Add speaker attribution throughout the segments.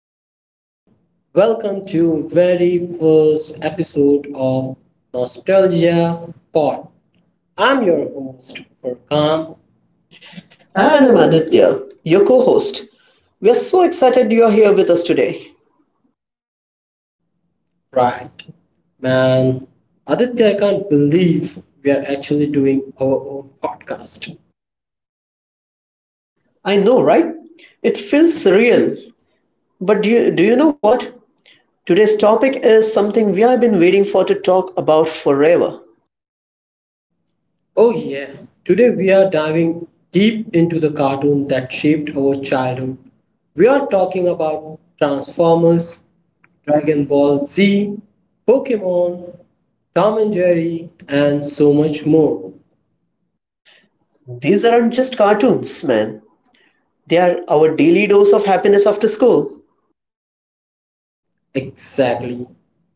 Speaker 1: Welcome. Welcome to very first episode of Nostalgia Pod. I'm your host Furkan. I
Speaker 2: And
Speaker 1: am
Speaker 2: I'm
Speaker 1: Aditya.
Speaker 2: Aditya, your co host. We are so excited you're here with us today.
Speaker 1: Right. Man, Aditya, I can't believe we are actually doing our own podcast.
Speaker 2: I know, right? It feels surreal. But do you know what? Today's topic is something we have been waiting for to talk about forever.
Speaker 1: Oh, yeah. Today we are diving deep into the cartoon that shaped our childhood. We are talking about Transformers, Dragon Ball Z, Pokemon, Tom and Jerry, and so much more.
Speaker 2: These aren't just cartoons, man. They are our daily dose of happiness after school.
Speaker 1: Exactly.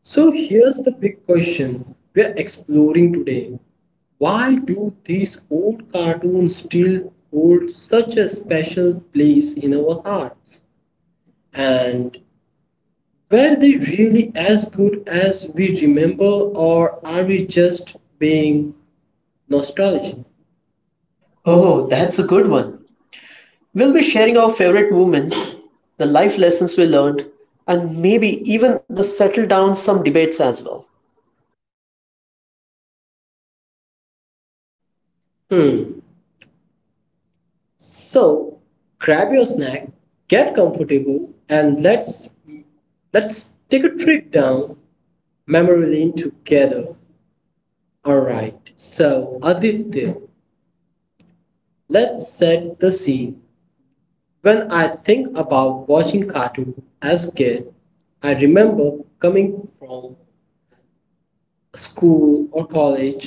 Speaker 1: So here's the big question we are exploring today. Why do these old cartoons still hold such a special place in our hearts? And were they really as good as we remember, or are we just being nostalgic?
Speaker 2: Oh,
Speaker 1: Oh,
Speaker 2: that's
Speaker 1: that's
Speaker 2: a
Speaker 1: a
Speaker 2: good
Speaker 1: good one.
Speaker 2: one. We'll be sharing our favorite moments, the life lessons we learned, and maybe even the settle down some debates as well.
Speaker 1: Hmm. So grab your snack, get comfortable, and let's take a trip down memory lane together. Alright. So Aditya, let's set the scene. When I think about watching cartoon as a kid, I remember coming from school or college,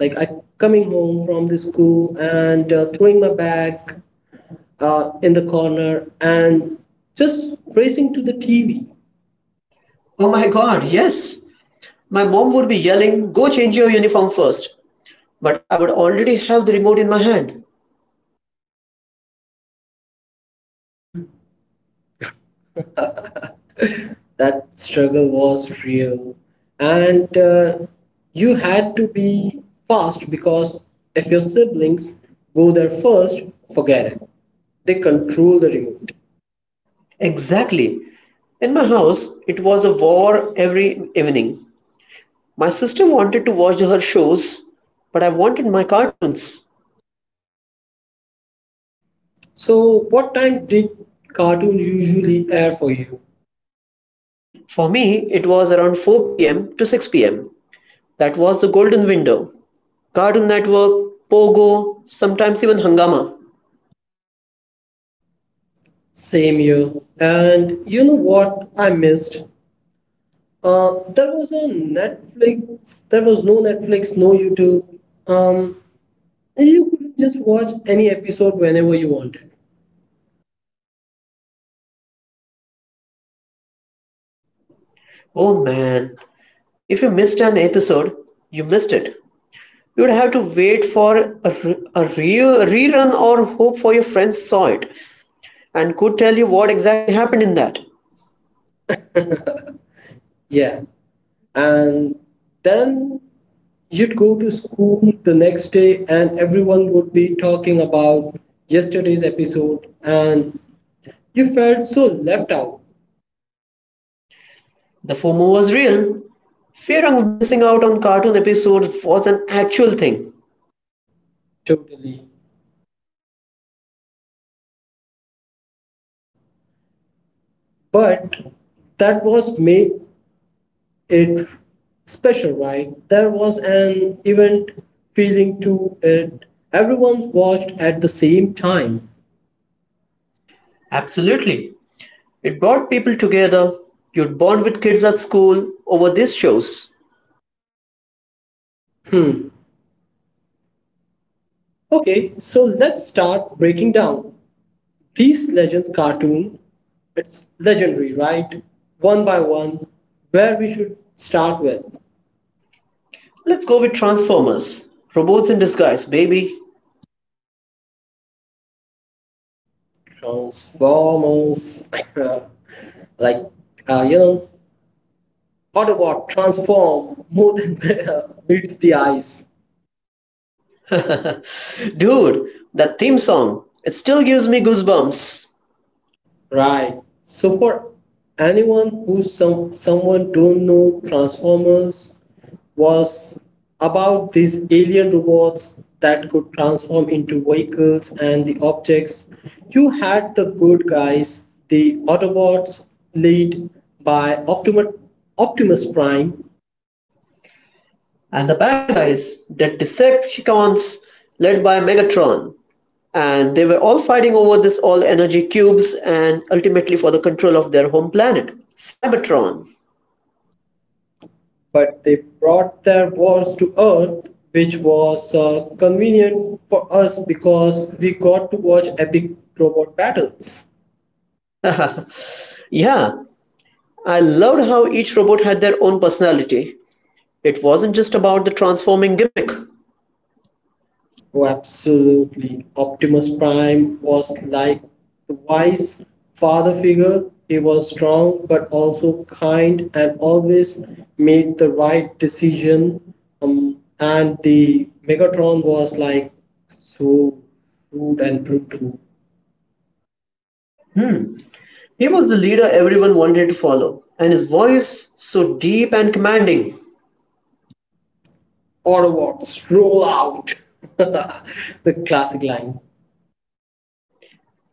Speaker 1: like I coming home from the school and throwing my bag in the corner and just racing to the TV.
Speaker 2: Oh my god, yes. My mom would be yelling, "Go change your uniform first!" But I would already have the remote in my hand.
Speaker 1: That struggle was real, and you had to be fast because if your siblings go there first, forget it, they control the remote.
Speaker 2: Exactly. In my house, it was a war every evening. My sister wanted to watch her shows, but I wanted my cartoons.
Speaker 1: So what time did cartoon usually air for you?
Speaker 2: For me, it was around 4 pm to 6 pm. That was the golden window. Cartoon Network, Pogo, sometimes even Hangama.
Speaker 1: Same year. And you know what I missed? There was a Netflix. There was no Netflix, no YouTube. Um, you couldn't just watch any episode whenever you wanted.
Speaker 2: Oh man, if you missed an episode, you missed it. You would have to wait for a rerun or hope for your friends saw it and could tell you what exactly happened in that.
Speaker 1: Yeah. And then you'd go to school the next day, and everyone would be talking about yesterday's episode, and you felt so left out.
Speaker 2: The FOMO was real. Fear of missing out on cartoon episodes was an actual thing.
Speaker 1: Totally. But that was made it special, right? There was an event feeling to it. Everyone watched at the same time.
Speaker 2: Absolutely. It brought people together. You'd bond with kids at school over these shows.
Speaker 1: Hmm. Okay, so let's start breaking down these legends cartoon. It's legendary, right? One by one, where we should start with?
Speaker 2: Let's go with Transformers. Robots in disguise, baby.
Speaker 1: Transformers, like uh, you know, Autobot transform more than meets the eyes.
Speaker 2: Dude, that theme song, it still gives me goosebumps.
Speaker 1: Right. So for anyone who someone don't know, Transformers was about these alien robots that could transform into vehicles and the objects. You had the good guys, the Autobots, led by Optimus, Optimus Prime,
Speaker 2: And the bad guys, the Decepticons, led by Megatron. And they were all fighting over this all energy cubes and ultimately for the control of their home planet, Cybertron.
Speaker 1: but they brought their wars to Earth, which was convenient for us because we got to watch epic robot battles.
Speaker 2: Yeah, I loved how each robot had their own personality. It wasn't just about the transforming gimmick.
Speaker 1: Oh, absolutely. Optimus Prime was like the wise father figure. He was strong but also kind and always made the right decision. And the Megatron was like so rude and brutal.
Speaker 2: He was the leader everyone wanted to follow, and his voice so deep and commanding.
Speaker 1: Autobots, roll out! The classic line.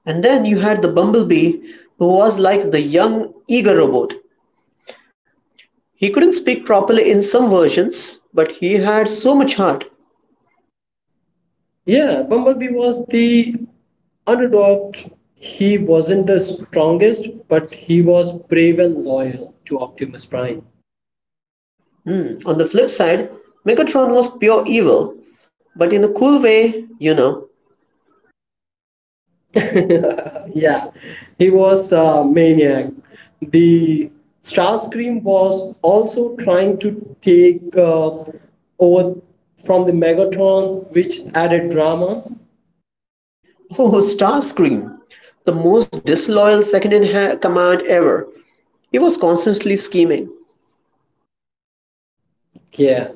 Speaker 2: And then you had the Bumblebee, who was like the young, eager robot. He couldn't speak properly in some versions, but he had so much heart.
Speaker 1: Yeah, Bumblebee was the underdog. He wasn't the strongest, but he was brave and loyal to Optimus Prime.
Speaker 2: On the flip side, Megatron was pure evil, but in a cool way, you know.
Speaker 1: Yeah, he was a maniac. The Starscream was also trying to take over from the Megatron, which added drama.
Speaker 2: Oh, Starscream, the most disloyal second in command ever. He was constantly scheming.
Speaker 1: Yeah.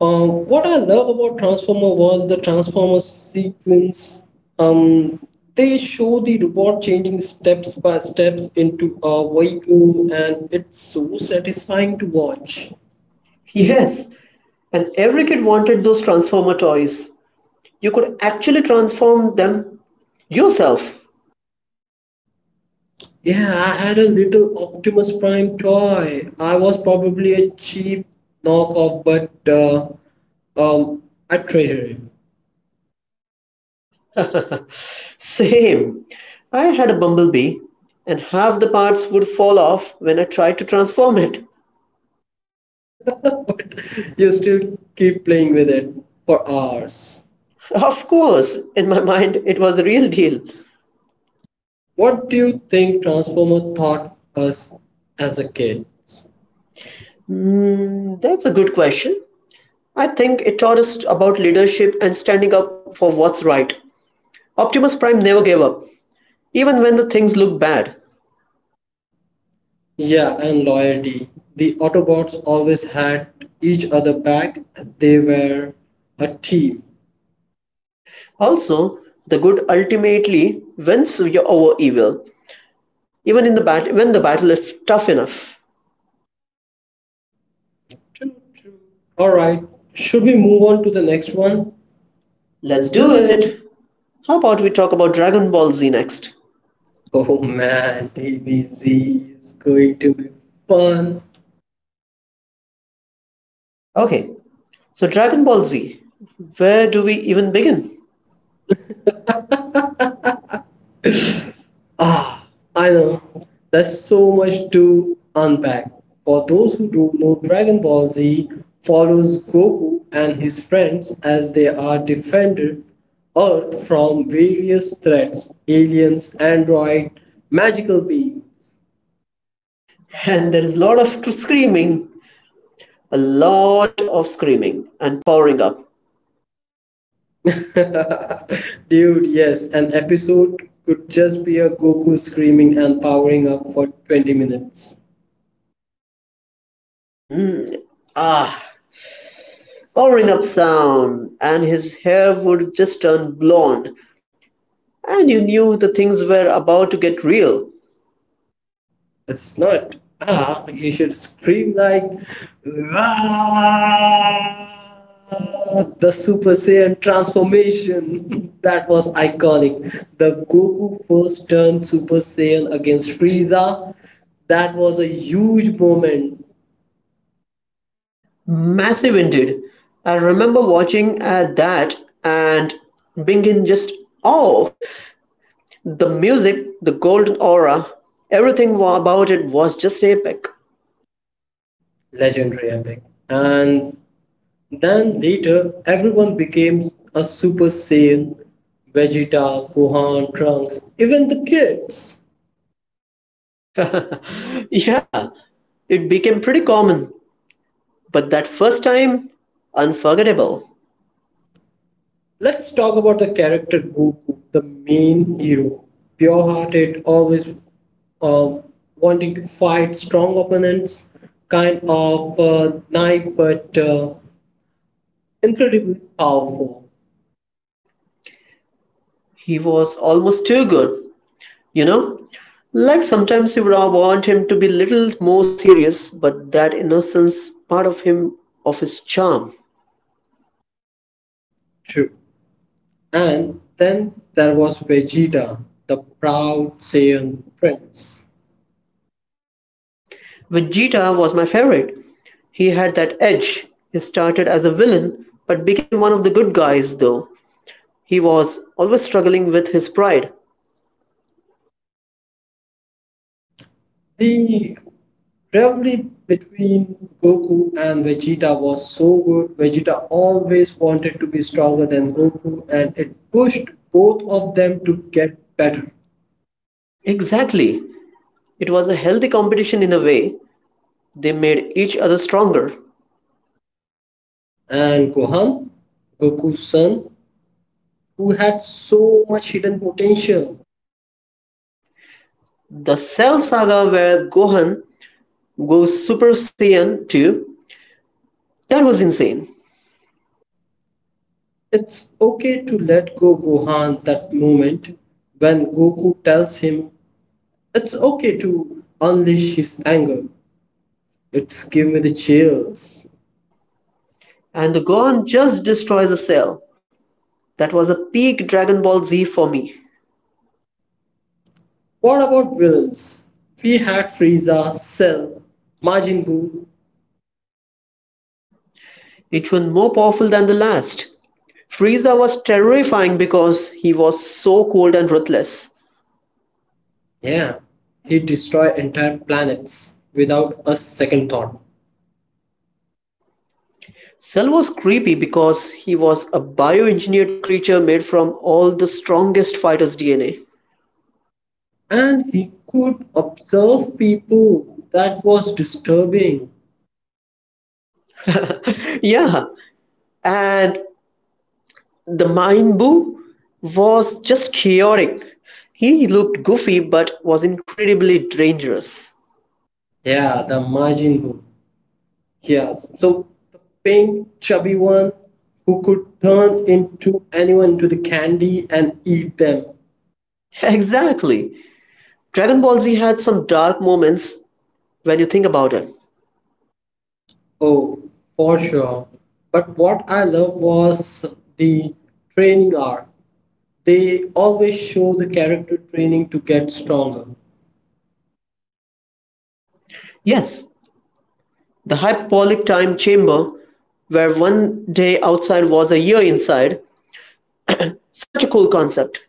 Speaker 1: What I love about Transformer was the Transformer sequence. Um, they show the robot changing steps by steps into a vehicle, and it's so satisfying to watch. Yes.
Speaker 2: Yes, and every kid wanted those Transformer toys. You could actually transform them yourself.
Speaker 1: Yeah, I had a little Optimus Prime toy. I was probably a cheap knockoff, but um, I treasure it.
Speaker 2: Same. I had a bumblebee, and half the parts would fall off when I tried to transform it.
Speaker 1: But you still keep playing with it for hours.
Speaker 2: Of course, in my mind, it was a real deal.
Speaker 1: What do you think Transformer taught us as a kid?
Speaker 2: Mm, that's a good question. I think it taught us about leadership and standing up for what's right. Optimus Prime never gave up, even when the things looked bad.
Speaker 1: Yeah, and loyalty. The Autobots always had each other back. They were a team.
Speaker 2: Also, the good ultimately over evil, even in the when the battle is tough enough.
Speaker 1: True, true. All right. Should we move on to the next one?
Speaker 2: Let's
Speaker 1: Let's
Speaker 2: do
Speaker 1: do it.
Speaker 2: it. How about we talk about Dragon Ball Z next?
Speaker 1: Oh man, DBZ is going to be fun.
Speaker 2: Okay, so Dragon Ball Z, where do we even begin?
Speaker 1: Ah, I know. There's so much to unpack. For those who don't know, Dragon Ball Z follows Goku and his friends as they are defended Earth from various threats, aliens, android, magical beings.
Speaker 2: And there is a lot of screaming, a lot of screaming and powering up.
Speaker 1: Dude, yes, an episode could just be a Goku screaming and powering up for 20 minutes.
Speaker 2: Ah, powering up sound, and his hair would just turn blonde, and you knew the things were about to get real.
Speaker 1: It's not ah, you should scream like "Ah!" The Super Saiyan transformation. That was iconic. The Goku first turned Super Saiyan against Frieza. That was a huge moment,
Speaker 2: Massive indeed. I remember watching at that and being in just awe. The music, the golden aura, everything about it was just epic.
Speaker 1: legendary epic. And then later, everyone became a Super Saiyan, Vegeta, Gohan, Trunks, even the kids.
Speaker 2: Yeah, it became pretty common, but that first time, unforgettable.
Speaker 1: Let's talk about the character Goku, the main hero. Pure hearted, always uh, wanting to fight strong opponents, kind of naive but incredibly powerful.
Speaker 2: He was almost too good, you know? Like sometimes you would want him to be little more serious, but that innocence part of him of his charm.
Speaker 1: True. And then there was Vegeta, the proud Saiyan prince.
Speaker 2: Vegeta was my favorite. He had that edge. He started as a villain, but became one of the good guys though. He was always struggling with his pride.
Speaker 1: The rivalry between Goku and Vegeta was so good. Vegeta always wanted to be stronger than Goku, and it pushed both of them to get better.
Speaker 2: Exactly. It was a healthy competition in a way. They made each other stronger.
Speaker 1: And Gohan, Goku's son, who had so much hidden potential.
Speaker 2: The Cell Saga where Gohan goes Super Saiyan 2, that was insane.
Speaker 1: It's okay to let go Gohan that moment when Goku tells him it's okay to unleash his anger. It's give me the chills.
Speaker 2: And the Gohan just destroys a cell. That was a peak Dragon Ball Z for me.
Speaker 1: What about villains? We had Frieza, Cell, Majin Buu.
Speaker 2: It was more powerful than the last. Frieza was terrifying because he was so cold and ruthless.
Speaker 1: Yeah, he destroyed entire planets without a second thought.
Speaker 2: Cell was creepy because he was a bioengineered creature made from all the strongest fighters' DNA.
Speaker 1: And he could observe people. That was disturbing.
Speaker 2: Yeah, and the Maimbu was just chaotic. He looked goofy but was incredibly dangerous.
Speaker 1: Yeah, the Majin Buu. Yes, so the pink chubby one who could turn into anyone into the candy and eat them.
Speaker 2: Exactly. Dragon Ball Z had some dark moments when you think about it.
Speaker 1: Oh, for sure. But what I love was the training arc. They always show the character training to get stronger.
Speaker 2: Yes, the hyperbolic time chamber, where 1 day outside was a year inside, such a cool concept.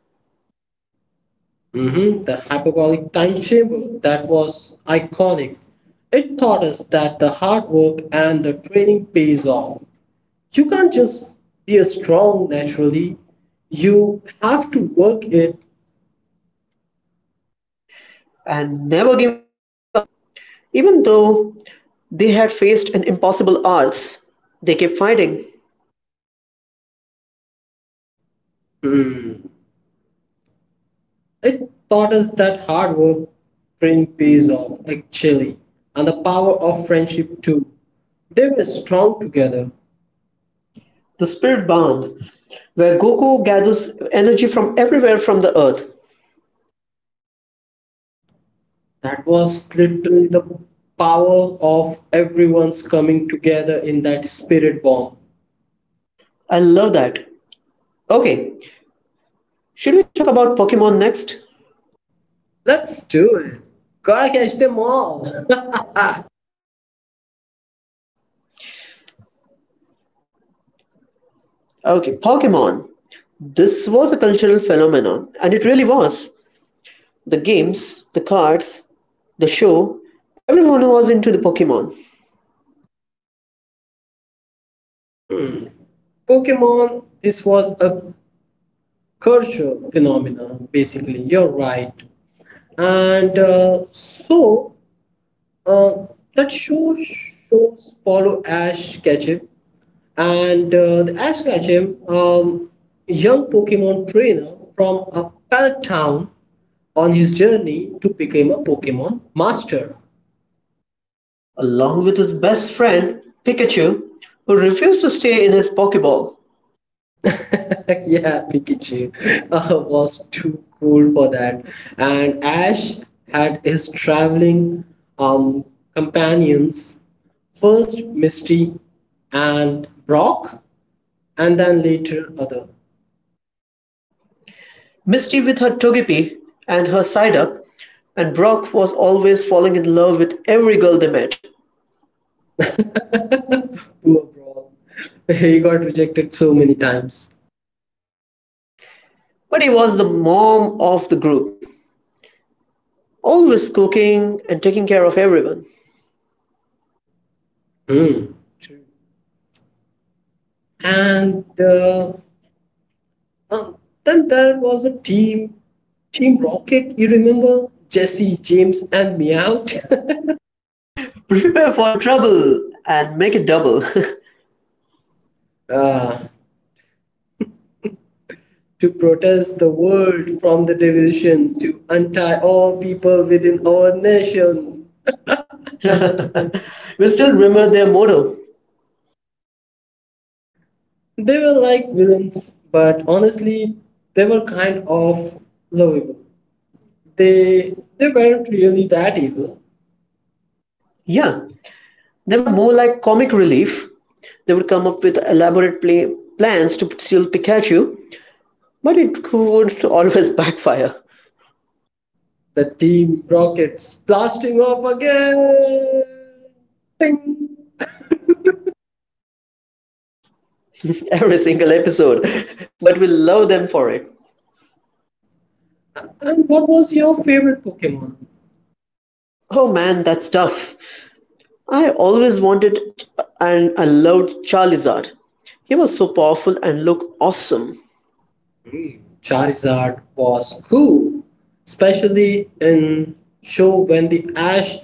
Speaker 1: Mhm. The hyperbolic time chamber, that was iconic. It taught us that the hard work and the training pays off. You can't just be a strong naturally, you have to work it.
Speaker 2: And never giving up. Even though they had faced an impossible odds, they kept fighting.
Speaker 1: Hmm. It taught us that hard work training pays off actually, and the power of friendship too. They were strong together.
Speaker 2: The spirit bomb where Goku gathers energy from everywhere from the earth.
Speaker 1: That was literally the power of everyone's coming together in that spirit bomb.
Speaker 2: I love that. Okay, should we talk about Pokemon next?
Speaker 1: Let's do it. Gotta catch them all.
Speaker 2: Okay, Pokemon. This was a cultural phenomenon, and it really was. The games, the cards, the show, everyone was into the Pokemon.
Speaker 1: Pokemon, this was a cultural phenomenon, basically. You're right. And uh, that show shows follow Ash Ketchum and the Ash Ketchum, young Pokemon trainer from a pallet town on his journey to become a Pokemon master.
Speaker 2: Along with his best friend, Pikachu, who refused to stay in his Pokeball.
Speaker 1: Yeah, Pikachu was too cool for that. And Ash had his traveling um, companions, first Misty and Brock, and then later other.
Speaker 2: Misty with her Togepi and her Psyduck, and Brock was always falling in love with every girl they met.
Speaker 1: Poor Brock. He got rejected so many times.
Speaker 2: But he was the mom of the group, always cooking and taking care of everyone.
Speaker 1: Hmm. True. And um, then there was a team rocket, you remember Jesse James and Meowth?
Speaker 2: Prepare for trouble and make it double.
Speaker 1: uh, to protest the world from the division, to untie all people within our nation. We
Speaker 2: We
Speaker 1: still
Speaker 2: still
Speaker 1: remember.
Speaker 2: remember their motto.
Speaker 1: They were like villains, but honestly they were kind of lovable. They weren't really that evil.
Speaker 2: Yeah, they were more like comic relief. They would come up with elaborate plans to steal Pikachu, but it would always backfire.
Speaker 1: The team rockets blasting off again. Ding.
Speaker 2: Every single episode. But we love them for it.
Speaker 1: And what was your favorite Pokemon?
Speaker 2: Oh man, that's tough. I always wanted and I loved Charizard. He was so powerful and looked awesome.
Speaker 1: Charizard was cool, especially in show when the Ash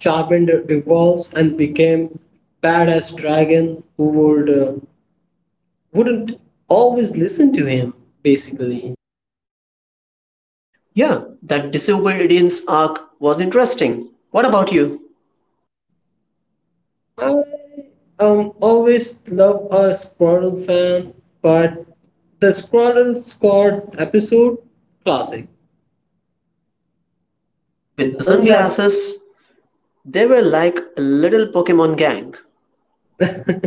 Speaker 1: Charmander evolves and became badass dragon who would wouldn't always listen to him. Basically,
Speaker 2: Yeah, that disobedience arc was interesting. What about you?
Speaker 1: I always love a Squirtle fan, but the Squirtle Squad episode classic with the
Speaker 2: With the
Speaker 1: sunglasses.
Speaker 2: sunglasses, they were like a little Pokemon gang.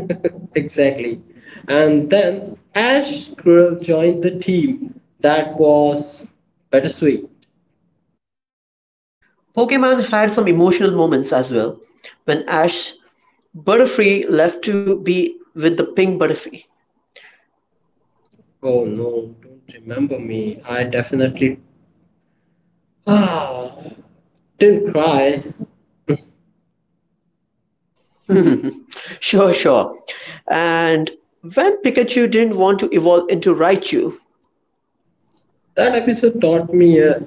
Speaker 1: Exactly. And then Ash Squirrel joined the team. That was bittersweet.
Speaker 2: Pokemon had some emotional moments as well. When Ash Butterfree left to be with the pink Butterfree.
Speaker 1: Oh no, don't remember me. I definitely ah, didn't cry.
Speaker 2: Sure, sure. And when Pikachu didn't want to evolve into Raichu.
Speaker 1: That episode taught me,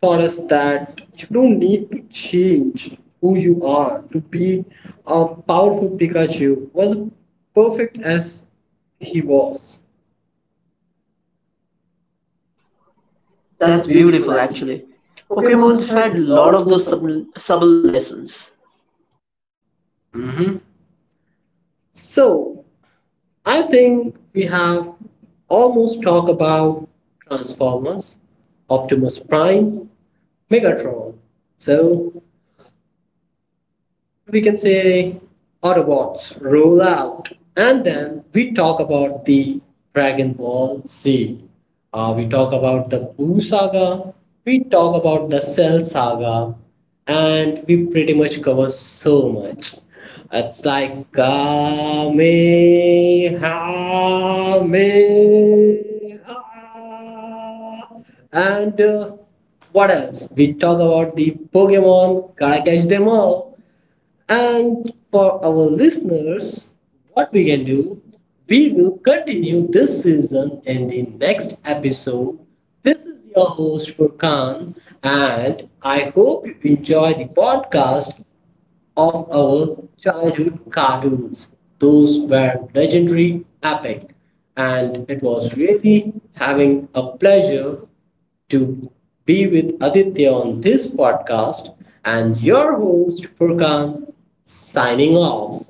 Speaker 1: taught us that you don't need to change who you are to be a powerful Pikachu. Was perfect as he was.
Speaker 2: That's
Speaker 1: That's
Speaker 2: beautiful,
Speaker 1: beautiful, actually.
Speaker 2: actually. Pokemon
Speaker 1: Pokemon
Speaker 2: had a
Speaker 1: had a
Speaker 2: lot
Speaker 1: lot
Speaker 2: of
Speaker 1: of
Speaker 2: those
Speaker 1: those sub-
Speaker 2: subtle lessons.
Speaker 1: Mm-hmm. So I think we have almost talked about Transformers, Optimus Prime, Megatron. So we can say Autobots roll out, and then we talk about the Dragon Ball Z. We talk about the Buu saga. We talk about the Cell saga, and we pretty much cover so much. It's like Kamehameha. And what else? We talk about the Pokemon, gotta catch them all. And for our listeners, what we can do, we will continue this season in the next episode. This is your host Furkan, and I hope you enjoy the podcast of our childhood cartoons. Those were legendary, epic, and it was really having a pleasure to be with Aditya on this podcast, and your host Furkan signing off.